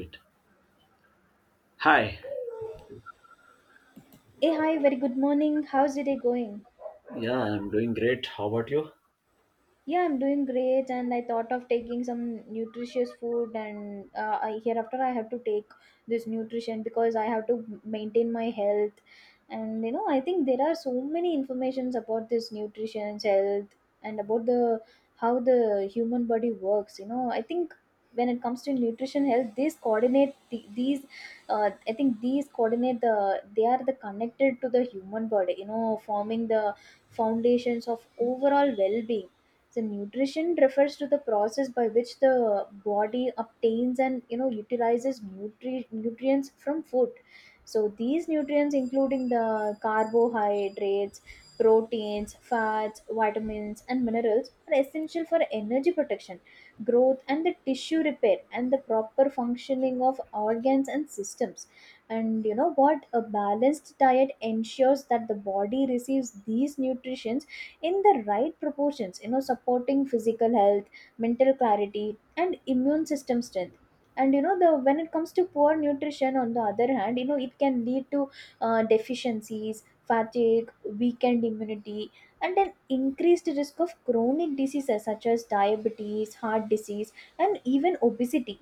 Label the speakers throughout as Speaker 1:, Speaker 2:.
Speaker 1: It. Hi.
Speaker 2: Hey, hi, very good morning. How's the day going?
Speaker 1: Yeah, I'm doing great. How about you?
Speaker 2: Yeah, I'm doing great, and I thought of taking some nutritious food, and hereafter I have to take this nutrition because I have to maintain my health. And you know, I think there are so many informations about this nutrition, health, and about the how the human body works. You know, I think when it comes to nutrition, health, these coordinate the, these. I think these coordinate the they are the connected to the human body. You know, forming the foundations of overall well-being. So nutrition refers to the process by which the body obtains and, you know, utilizes nutrients from food. So these nutrients, including the carbohydrates, proteins, fats, vitamins and minerals, are essential for energy protection, growth and the tissue repair and the proper functioning of organs and systems. And, you know what, a balanced diet ensures that the body receives these nutrients in the right proportions, you know, supporting physical health, mental clarity and immune system strength. And you know, the when it comes to poor nutrition, on the other hand, you know, it can lead to deficiencies, fatigue, weakened immunity and an increased risk of chronic diseases such as diabetes, heart disease and even obesity.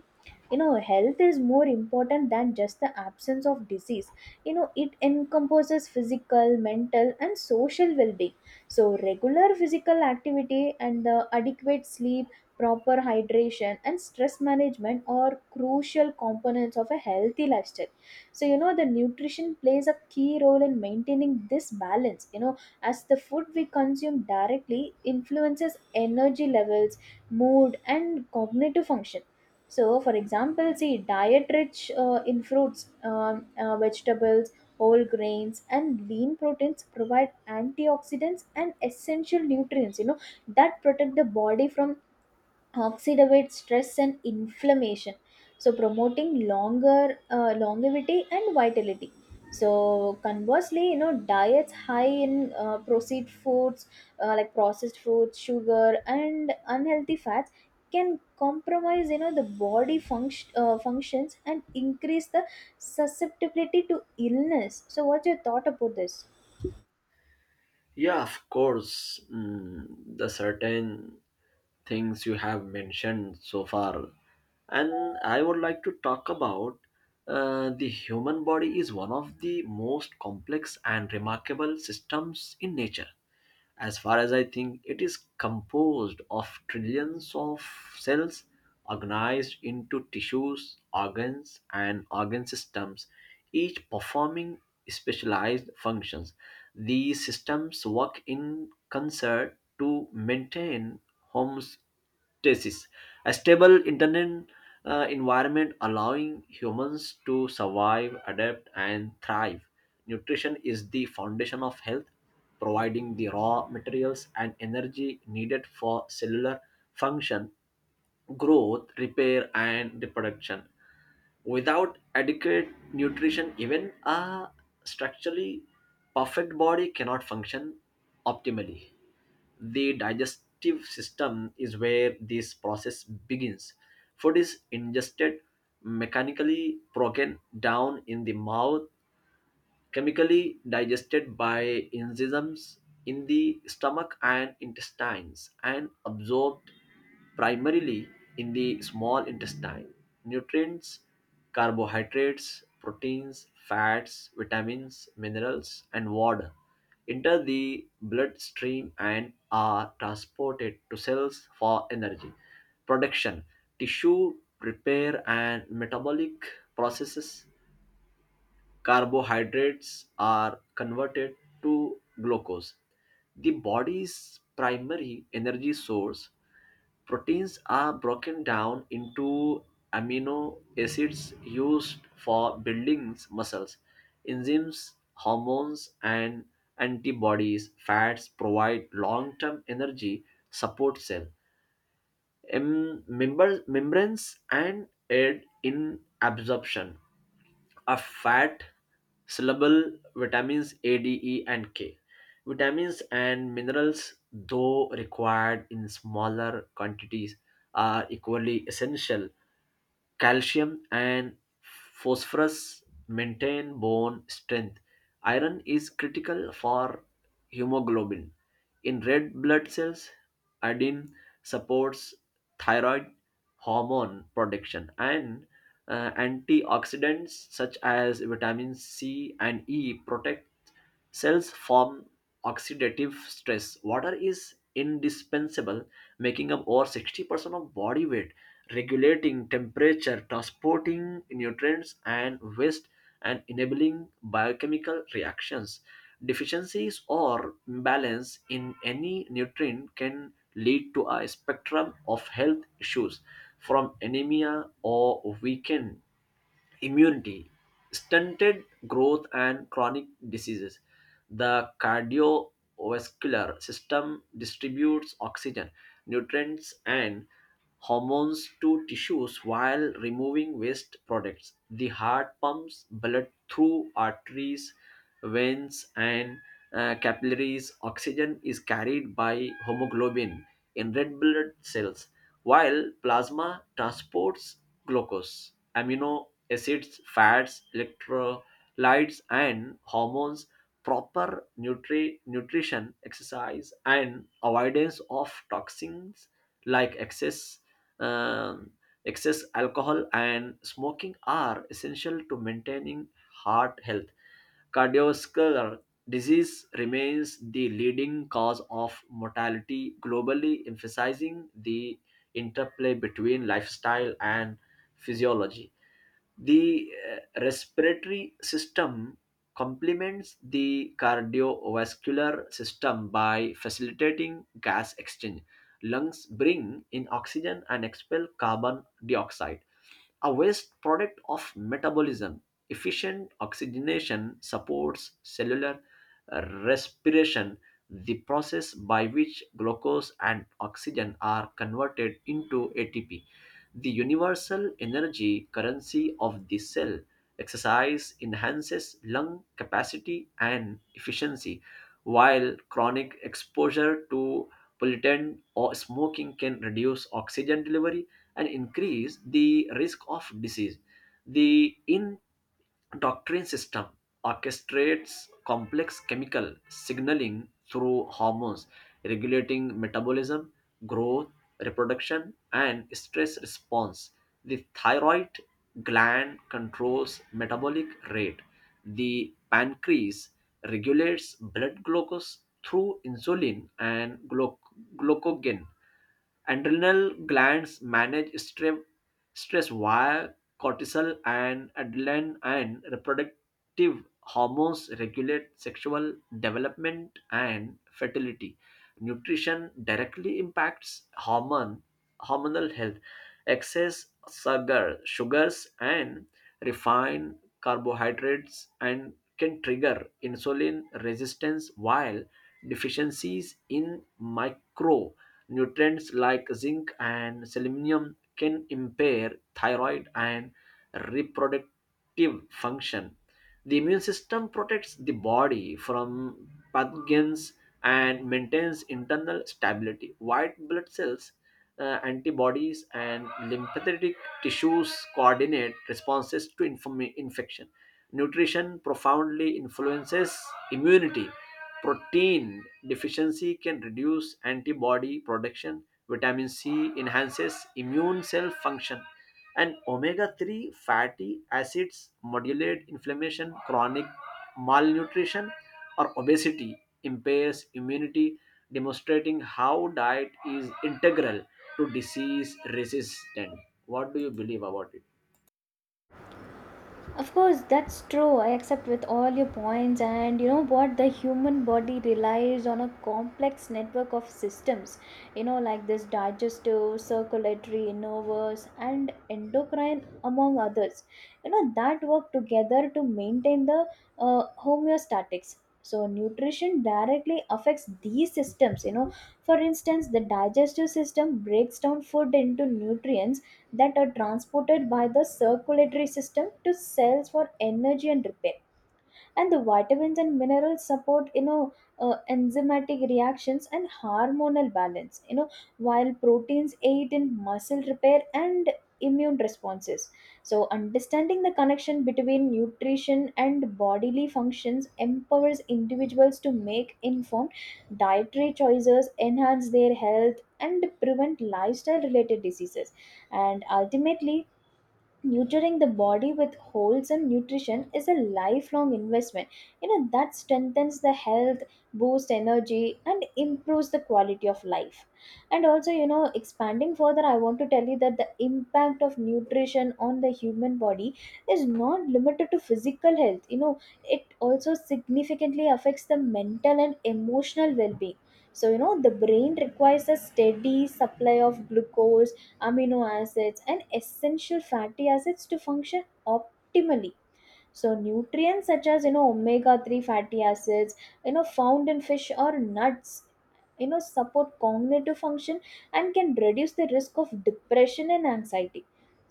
Speaker 2: You know, health is more important than just the absence of disease. You know, it encompasses physical, mental and social well-being. So regular physical activity and the adequate sleep, proper hydration and stress management are crucial components of a healthy lifestyle. So you know, the nutrition plays a key role in maintaining this balance, you know, as the food we consume directly influences energy levels, mood and cognitive function. So, for example, see diet rich in fruits, vegetables, whole grains, and lean proteins provide antioxidants and essential nutrients. You know that protect the body from oxidative stress and inflammation, so promoting longer longevity and vitality. So conversely, you know, diets high in processed foods, like processed foods, sugar and unhealthy fats can compromise, you know, the body function functions and increase the susceptibility to illness. So what's your thought about this?
Speaker 1: Yeah, of course. Mm, the certain things you have mentioned so far. And I would like to talk about the human body is one of the most complex and remarkable systems in nature. As far as I think, it is composed of trillions of cells organized into tissues, organs, and organ systems, each performing specialized functions. These systems work in concert to maintain homes Tesis. A stable internet environment, allowing humans to survive, adapt, and thrive. Nutrition is the foundation of health, providing the raw materials and energy needed for cellular function, growth, repair, and reproduction. Without adequate nutrition, even a structurally perfect body cannot function optimally. The digestive system is where this process begins. Food is ingested, mechanically broken down in the mouth, chemically digested by enzymes in the stomach and intestines, and absorbed primarily in the small intestine. Nutrients, carbohydrates, proteins, fats, vitamins, minerals, and water enter the bloodstream and are transported to cells for energy production, tissue repair, and metabolic processes. Carbohydrates are converted to glucose, the body's primary energy source. Proteins are broken down into amino acids used for building muscles, enzymes, hormones, and antibodies. Fats provide long term energy, support cell membranes, and aid in absorption a fat soluble vitamins A, D, E, and K. Vitamins and minerals, though required in smaller quantities, are equally essential. Calcium and phosphorus maintain bone strength. Iron is critical for hemoglobin. In red blood cells, iodine supports thyroid hormone production, and antioxidants such as vitamin C and E protect cells from oxidative stress. Water is indispensable, making up over 60% of body weight, regulating temperature, transporting nutrients and waste, and enabling biochemical reactions. Deficiencies or imbalance in any nutrient can lead to a spectrum of health issues, from anemia or weakened immunity, stunted growth, and chronic diseases. The cardiovascular system distributes oxygen, nutrients, and hormones to tissues while removing waste products. The heart pumps blood through arteries, veins, and capillaries. Oxygen is carried by hemoglobin in red blood cells, while plasma transports glucose, amino acids, fats, electrolytes, and hormones. Proper nutrition, exercise, and avoidance of toxins like excess um, excess alcohol and smoking are essential to maintaining heart health. Cardiovascular disease remains the leading cause of mortality globally, emphasizing the interplay between lifestyle and physiology. The respiratory system complements the cardiovascular system by facilitating gas exchange. Lungs bring in oxygen and expel carbon dioxide, a waste product of metabolism. Efficient oxygenation supports cellular respiration, the process by which glucose and oxygen are converted into ATP, the universal energy currency of the cell. Exercise enhances lung capacity and efficiency, while chronic exposure to pollutant or smoking can reduce oxygen delivery and increase the risk of disease. The endocrine system orchestrates complex chemical signaling through hormones, regulating metabolism, growth, reproduction, and stress response. The thyroid gland controls metabolic rate. The pancreas regulates blood glucose through insulin and glucagon. Adrenal glands manage stress via cortisol and adrenaline, and reproductive hormones regulate sexual development and fertility. Nutrition directly impacts hormone hormonal health. Excess sugars and refined carbohydrates and can trigger insulin resistance, while deficiencies in micro nutrients like zinc and selenium can impair thyroid and reproductive function. The immune system protects the body from pathogens and maintains internal stability. White blood cells, antibodies, and lymphatic tissues coordinate responses to infection. Nutrition profoundly influences immunity. Protein deficiency can reduce antibody production, vitamin C enhances immune cell function, and omega 3 fatty acids modulate inflammation. Chronic malnutrition or obesity impairs immunity, demonstrating how diet is integral to disease resistance. What do you believe about it?
Speaker 2: Of course, that's true. I accept with all your points, and you know what? The human body relies on a complex network of systems, you know, like this digestive, circulatory, nervous, and endocrine, among others, you know, that work together to maintain the homeostatics. So, nutrition directly affects these systems, you know. For instance, the digestive system breaks down food into nutrients that are transported by the circulatory system to cells for energy and repair. And the vitamins and minerals support, you know, enzymatic reactions and hormonal balance, you know, while proteins aid in muscle repair and immune responses. So understanding the connection between nutrition and bodily functions empowers individuals to make informed dietary choices, enhance their health and prevent lifestyle related diseases. And ultimately, nurturing the body with wholesome nutrition is a lifelong investment, you know, that strengthens the health, boosts energy and improves the quality of life. And also, you know, expanding further, I want to tell you that the impact of nutrition on the human body is not limited to physical health. You know, it also significantly affects the mental and emotional well-being. So you know, the brain requires a steady supply of glucose, amino acids, and essential fatty acids to function optimally. So nutrients such as, you know, omega-3 fatty acids, you know, found in fish or nuts, you know, support cognitive function and can reduce the risk of depression and anxiety.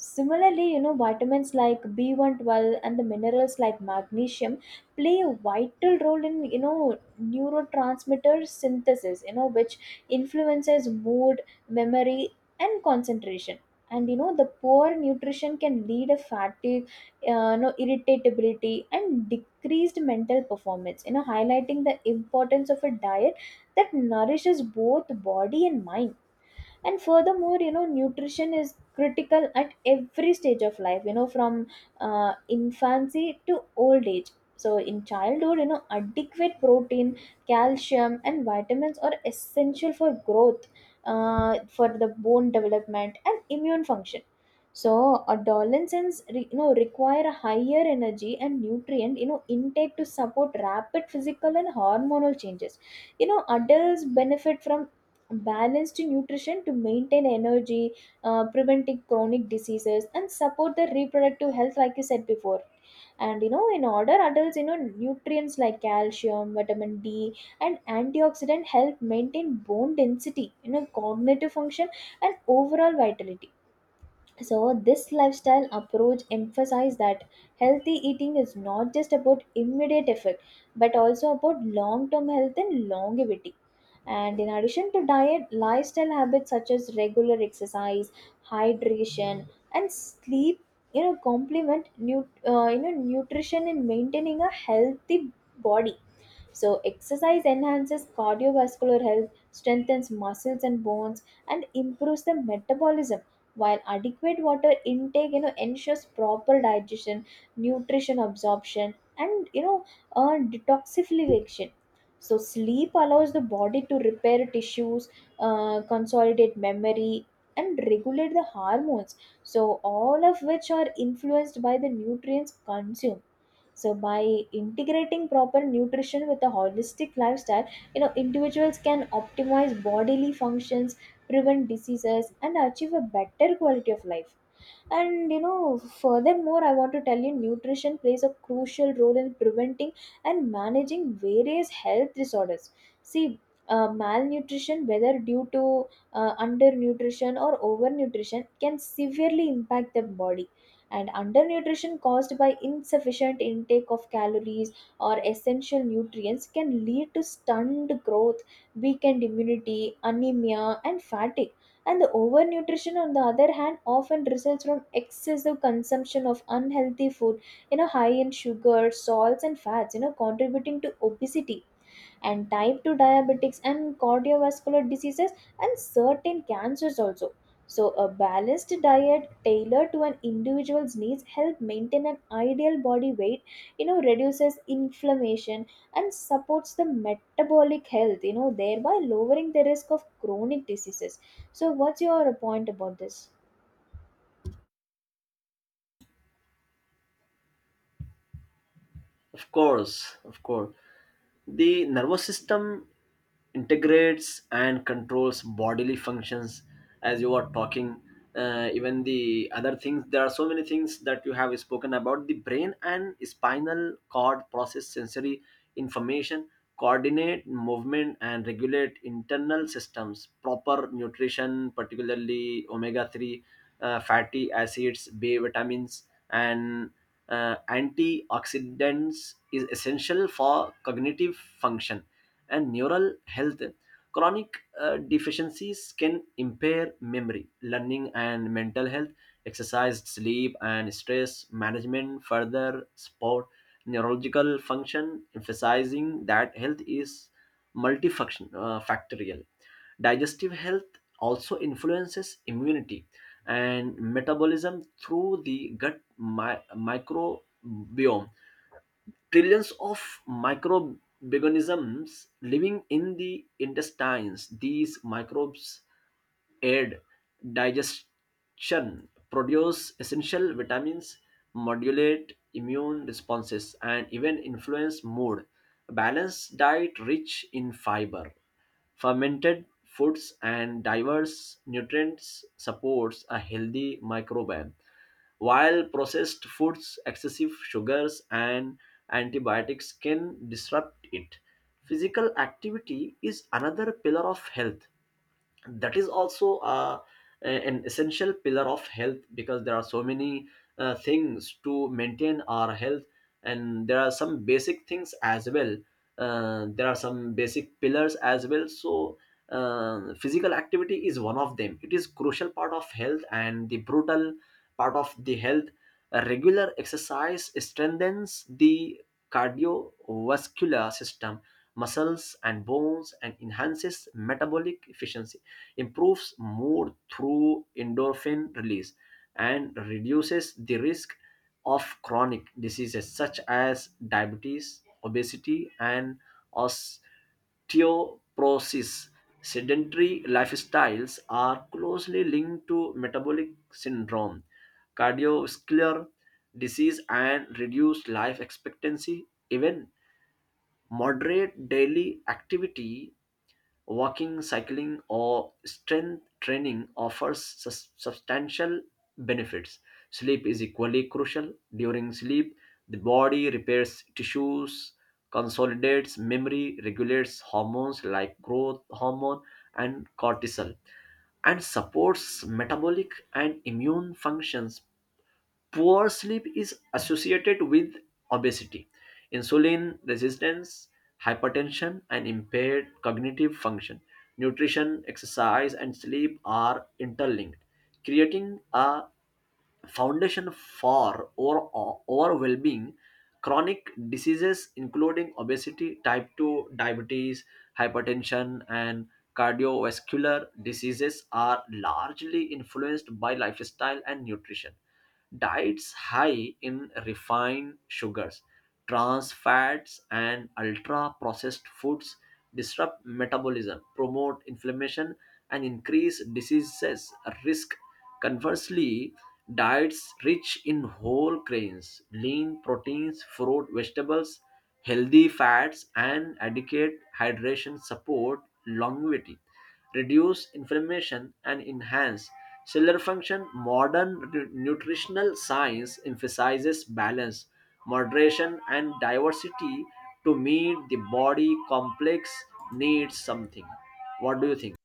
Speaker 2: Similarly, you know, vitamins like b112 and the minerals like magnesium play a vital role in, you know, neurotransmitter synthesis, you know, which influences mood, memory and concentration. And you know, the poor nutrition can lead a fatigue, no, irritability and decreased mental performance, you know, highlighting the importance of a diet that nourishes both body and mind. And furthermore, you know, nutrition is critical at every stage of life, you know, from infancy to old age. So in childhood, you know, adequate protein, calcium and vitamins are essential for growth, for the bone development and immune function. So adolescents, you know, require a higher energy and nutrient, you know, intake to support rapid physical and hormonal changes. You know, adults benefit from balanced nutrition to maintain energy, preventing chronic diseases, and support the reproductive health, like you said before. And you know, in order, adults, you know, nutrients like calcium, vitamin D, and antioxidant help maintain bone density, you know, cognitive function, and overall vitality. So this lifestyle approach emphasizes that healthy eating is not just about immediate effect, but also about long-term health and longevity. And in addition to diet, lifestyle habits such as regular exercise, hydration, and sleep, you know, complement you know, nutrition in maintaining a healthy body. So, exercise enhances cardiovascular health, strengthens muscles and bones, and improves the metabolism. While adequate water intake, you know, ensures proper digestion, nutrition absorption, and you know, detoxification. So, sleep allows the body to repair tissues, consolidate memory, and regulate the hormones. So, all of which are influenced by the nutrients consumed. So by integrating proper nutrition with a holistic lifestyle, you know, individuals can optimize bodily functions, prevent diseases, and achieve a better quality of life. And you know, furthermore, I want to tell you nutrition plays a crucial role in preventing and managing various health disorders. See, malnutrition, whether due to undernutrition or overnutrition, can severely impact the body. And undernutrition caused by insufficient intake of calories or essential nutrients can lead to stunned growth, weakened immunity, anemia and fatigue. And the overnutrition, on the other hand, often results from excessive consumption of unhealthy food, you know, high in sugar, salts and fats, you know, contributing to obesity and type 2 diabetics and cardiovascular diseases and certain cancers also. So, a balanced diet tailored to an individual's needs help maintain an ideal body weight, you know, reduces inflammation and supports the metabolic health, you know, thereby lowering the risk of chronic diseases. So, what's your point about this?
Speaker 1: Of course, of course. The nervous system integrates and controls bodily functions as you are talking. Even the other things, there are so many things that you have spoken about. The brain and spinal cord process sensory information, coordinate movement, and regulate internal systems. Proper nutrition, particularly omega 3 fatty acids, B vitamins, and antioxidants, is essential for cognitive function and neural health. Chronic deficiencies can impair memory, learning, and mental health. Exercise, sleep, and stress management further support neurological function, emphasizing that health is multifactorial. Digestive health also influences immunity and metabolism through the gut microbiome. Trillions of microorganisms living in the intestines, these microbes aid digestion, produce essential vitamins, modulate immune responses, and even influence mood. A balanced diet rich in fiber, fermented foods, and diverse nutrients supports a healthy microbiome, while processed foods, excessive sugars, and antibiotics can disrupt it. Physical activity is another pillar of health, that is also an essential pillar of health, because there are so many things to maintain our health, and there are some basic things as well. Uh, there are some basic pillars as well. So physical activity is one of them. It is crucial part of health and the brutal part of the health. A regular exercise strengthens the cardiovascular system, muscles, and bones, and enhances metabolic efficiency, improves mood through endorphin release, and reduces the risk of chronic diseases such as diabetes, obesity, and osteoporosis. Sedentary lifestyles are closely linked to metabolic syndrome, cardiovascular disease, and reduced life expectancy. Even moderate daily activity, walking, cycling, or strength training, offers substantial benefits. Sleep is equally crucial. During sleep, the body repairs tissues, consolidates memory, regulates hormones like growth hormone and cortisol, and supports metabolic and immune functions. Poor sleep is associated with obesity, insulin resistance, hypertension, and impaired cognitive function. Nutrition, exercise, and sleep are interlinked, creating a foundation for or well-being. Chronic diseases including obesity, type 2 diabetes, hypertension, and cardiovascular diseases are largely influenced by lifestyle and nutrition. Diets high in refined sugars, trans fats, and ultra processed foods disrupt metabolism, promote inflammation, and increase diseases risk. Conversely, diets rich in whole grains, lean proteins, fruit, vegetables, healthy fats, and adequate hydration support longevity, reduce inflammation, and enhance cellular function. Modern nutritional science emphasizes balance, moderation, and diversity to meet the body complex needs something. What do you think?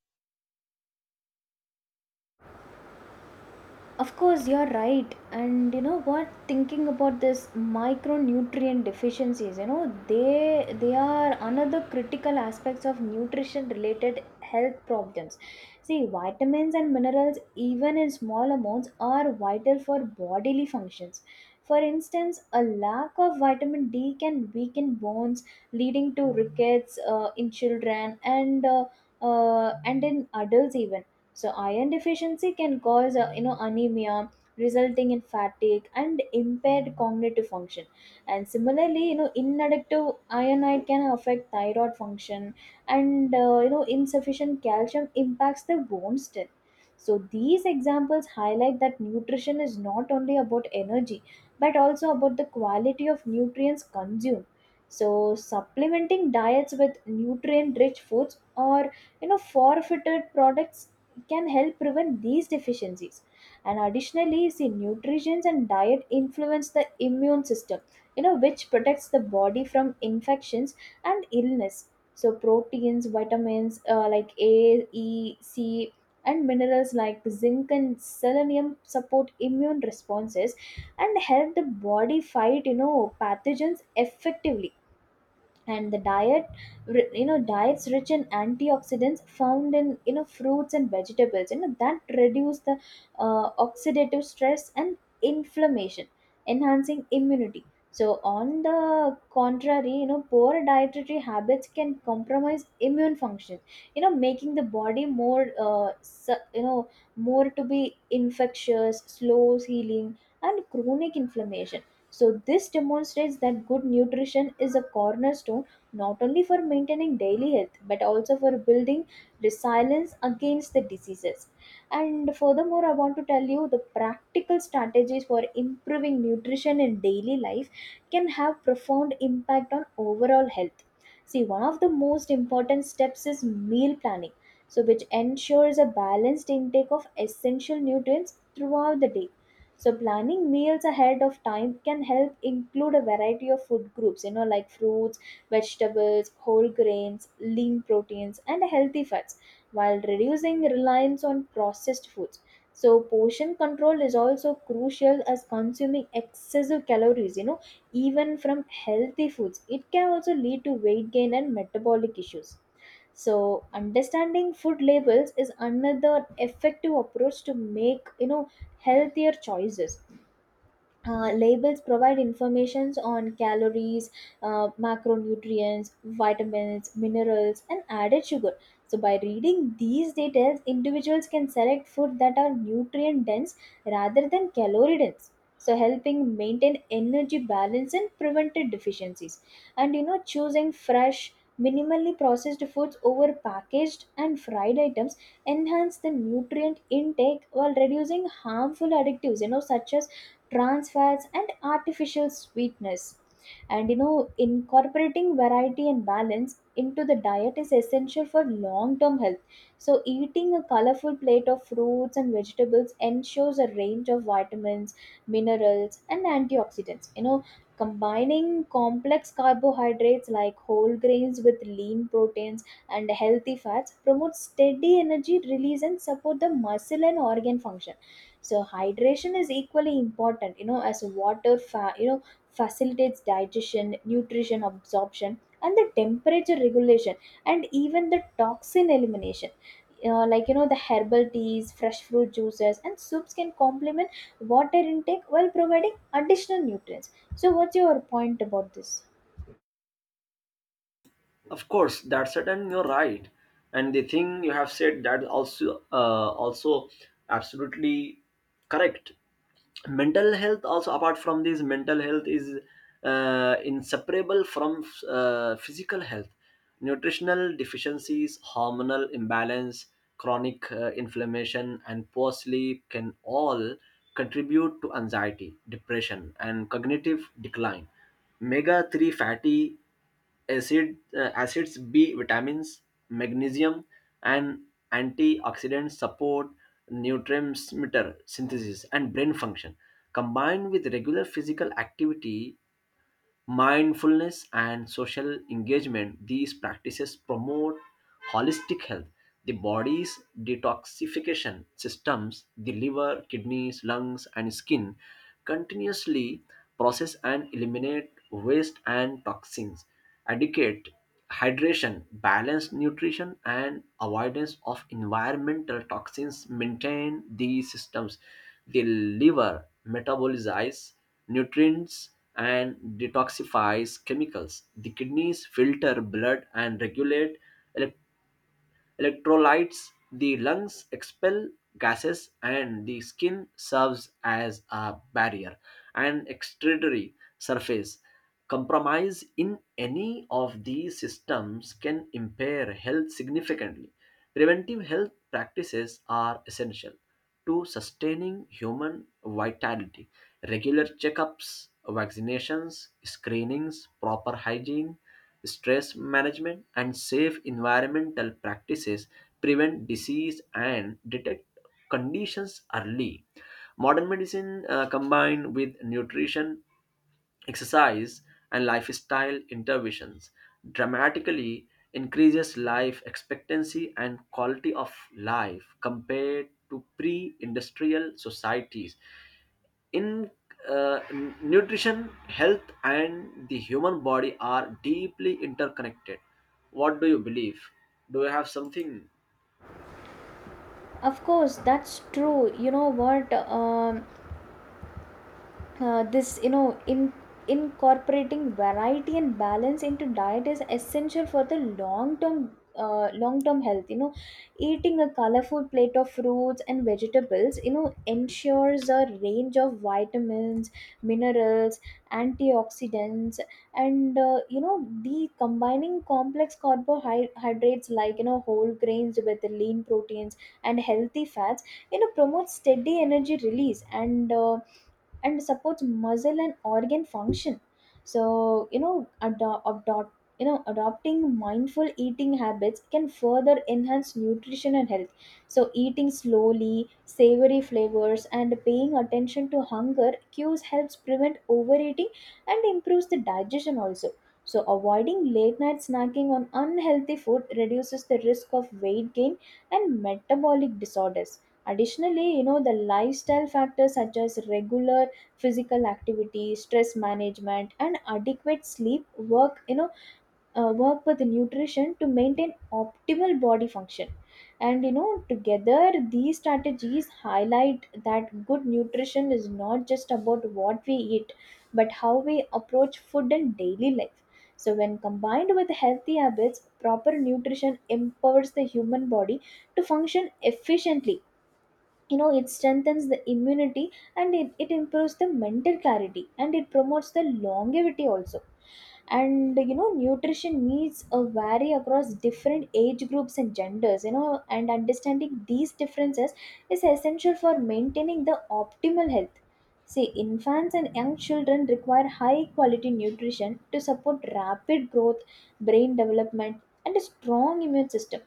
Speaker 2: Of course, you're right. And you know what? Thinking about this micronutrient deficiencies, you know, they are another critical aspects of nutrition related health problems. See, vitamins and minerals, even in small amounts, are vital for bodily functions. For instance, a lack of vitamin D can weaken bones, leading to rickets in children and in adults even. So iron deficiency can cause, you know, anemia, resulting in fatigue and impaired cognitive function. And similarly, you know, inactive ironite can affect thyroid function, and you know, insufficient calcium impacts the bone strength. So these examples highlight that nutrition is not only about energy, but also about the quality of nutrients consumed. So supplementing diets with nutrient rich foods or, you know, forfeited products can help prevent these deficiencies. And additionally, see nutrition and diet influence the immune system, you know, which protects the body from infections and illness. So proteins, vitamins, like A E C, and minerals like zinc and selenium support immune responses and help the body fight, you know, pathogens effectively. And the you know, diets rich in antioxidants found in, you know, fruits and vegetables, you know, that reduce the oxidative stress and inflammation, enhancing immunity. So on the contrary, you know, poor dietary habits can compromise immune function, you know, making the body more you know, more to be infectious, slow healing and chronic inflammation. So, this demonstrates that good nutrition is a cornerstone not only for maintaining daily health, but also for building resilience against the diseases. And furthermore, I want to tell you the practical strategies for improving nutrition in daily life can have profound impact on overall health. See, one of the most important steps is meal planning, so which ensures a balanced intake of essential nutrients throughout the day. So planning meals ahead of time can help include a variety of food groups, you know, like fruits, vegetables, whole grains, lean proteins, and healthy fats, while reducing reliance on processed foods. So portion control is also crucial as consuming excessive calories, you know, even from healthy foods. It can also lead to weight gain and metabolic issues. So understanding food labels is another effective approach to make healthier choices. Labels provide informations on calories, macronutrients, vitamins, minerals, and added sugar. So by reading these details, individuals can select food that are nutrient dense rather than calorie dense, so helping maintain energy balance and prevented deficiencies. And you know, choosing fresh, minimally processed foods over packaged and fried items enhance the nutrient intake while reducing harmful additives, such as trans fats and artificial sweetness. And you know, incorporating variety and balance into the diet is essential for long term health. So eating a colorful plate of fruits and vegetables ensures a range of vitamins, minerals, and antioxidants. Combining complex carbohydrates like whole grains with lean proteins and healthy fats promotes steady energy release and support the muscle and organ function. So hydration is equally important, you know, as water facilitates digestion, nutrition absorption, and the temperature regulation, and even the toxin elimination. Like you know, the herbal teas, fresh fruit juices, and soups can complement water intake while providing additional nutrients. So what's your point about this?
Speaker 1: Of course, that's certain, you're right. And the thing you have said that also also absolutely correct. Mental health also, apart from this, mental health is inseparable from physical health. Nutritional deficiencies, hormonal imbalance, chronic inflammation, and poor sleep can all contribute to anxiety, depression, and cognitive decline. Omega 3 fatty acids, B vitamins, magnesium, and antioxidants support neurotransmitter synthesis and brain function. Combined with regular physical activity, mindfulness, and social engagement, these practices promote holistic health. The body's detoxification systems, the liver, kidneys, lungs, and skin, continuously process and eliminate waste and toxins. Adequate hydration, balanced nutrition, and avoidance of environmental toxins maintain these systems. The liver metabolizes nutrients and detoxifies chemicals. The kidneys filter blood and regulate elec- electrolytes. The lungs expel gases, and the skin serves as a barrier and extradary surface. Compromise in any of these systems can impair health significantly. Preventive health practices are essential to sustaining human vitality. Regular checkups, vaccinations, screenings, proper hygiene, stress management, and safe environmental practices prevent disease and detect conditions early. Modern medicine combined with nutrition, exercise, and lifestyle interventions dramatically increases life expectancy and quality of life compared to pre-industrial societies in nutrition. Health and the human body are deeply interconnected. What do you believe? Do you have something?
Speaker 2: Of course, that's true. You know what? This you know in incorporating variety and balance into diet is essential for the long term, long term health. You know, eating a colorful plate of fruits and vegetables, you know, ensures a range of vitamins, minerals, antioxidants, and you know, the combining complex carbohydrates like, you know, whole grains with lean proteins and healthy fats, you know, promotes steady energy release and supports muscle and organ function. So you know, adopting mindful eating habits can further enhance nutrition and health. So eating slowly, savory flavors, and paying attention to hunger cues helps prevent overeating and improves the digestion also. So avoiding late night snacking on unhealthy food reduces the risk of weight gain and metabolic disorders. Additionally, you know, the lifestyle factors such as regular physical activity, stress management, and adequate sleep work, work with nutrition to maintain optimal body function. And you know, together these strategies highlight that good nutrition is not just about what we eat but how we approach food and daily life. So when combined with healthy habits, proper nutrition empowers the human body to function efficiently. You know, it strengthens the immunity and it improves the mental clarity and it promotes the longevity also. And you know, nutrition needs vary across different age groups and genders, you know, and understanding these differences is essential for maintaining the optimal health. See, infants and young children require high quality nutrition to support rapid growth, brain development, and a strong immune system.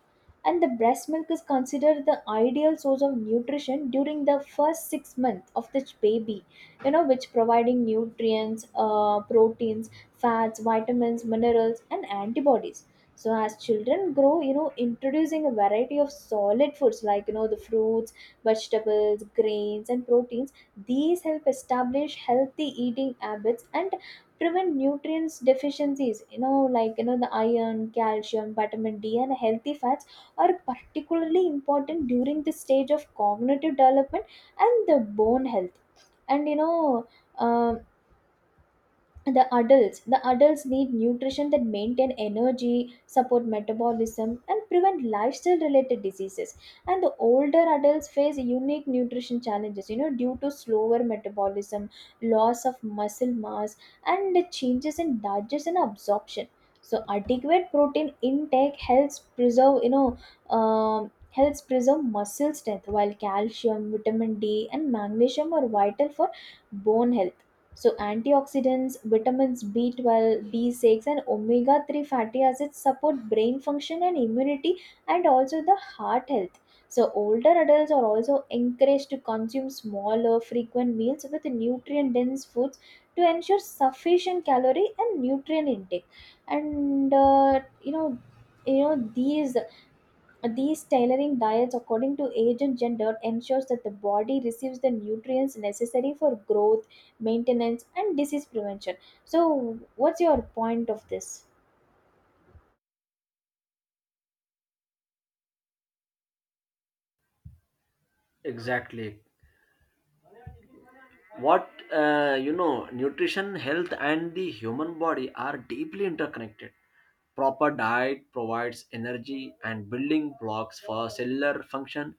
Speaker 2: And the breast milk is considered the ideal source of nutrition during the first six months of the baby, you know, which providing nutrients, proteins, fats, vitamins, minerals, and antibodies. So as children grow, you know, introducing a variety of solid foods like, you know, the fruits, vegetables, grains, and proteins, these help establish healthy eating habits and prevent nutrients deficiencies, you know, like you know, the iron, calcium, vitamin d, and healthy fats are particularly important during the stage of cognitive development and the bone health. And you know, um, the adults need nutrition that maintain energy, support metabolism, and prevent lifestyle related diseases. And the older adults face unique nutrition challenges, you know, due to slower metabolism, loss of muscle mass, and the changes in digestion and absorption. So adequate protein intake helps preserve, helps preserve muscle strength, while calcium, vitamin d, and magnesium are vital for bone health. So antioxidants, vitamins B12, B6, and omega-3 fatty acids support brain function and immunity and also the heart health. So older adults are also encouraged to consume smaller frequent meals with nutrient dense foods to ensure sufficient calorie and nutrient intake. And you know These tailoring diets according to age and gender ensures that the body receives the nutrients necessary for growth, maintenance, and disease prevention. So what's your point of this?
Speaker 1: Exactly what, you know, nutrition, health, and the human body are deeply interconnected. Proper diet provides energy and building blocks for cellular function.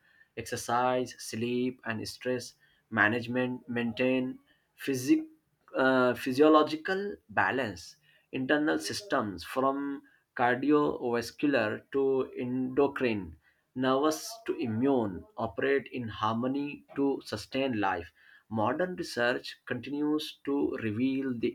Speaker 1: Exercise, sleep, and stress management maintain physic, physiological balance. Internal systems from cardiovascular to endocrine, nervous to immune, operate in harmony to sustain life. Modern research continues to reveal the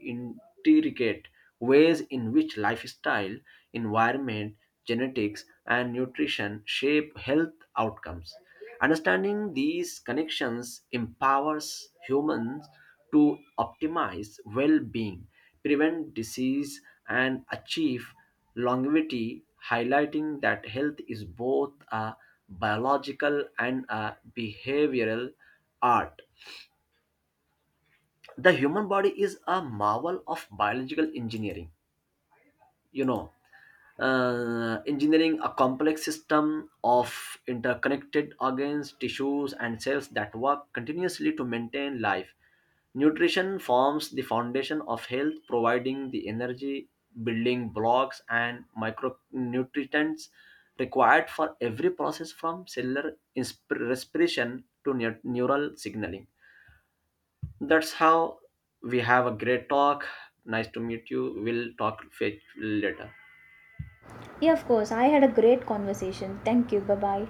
Speaker 1: intricate ways in which lifestyle, environment, genetics, and nutrition shape health outcomes. Understanding these connections empowers humans to optimize well being, prevent disease, and achieve longevity, highlighting that health is both a biological and a behavioral art. The human body is a marvel of biological engineering, you know engineering a complex system of interconnected organs, tissues, and cells that work continuously to maintain life. Nutrition forms the foundation of health, providing the energy, building blocks, and micronutrients required for every process, from cellular respiration to neural signaling. That's how we have a great talk. Nice to meet you. We'll talk later.
Speaker 2: Yeah, of course. I had a great conversation. Thank you. Bye-bye.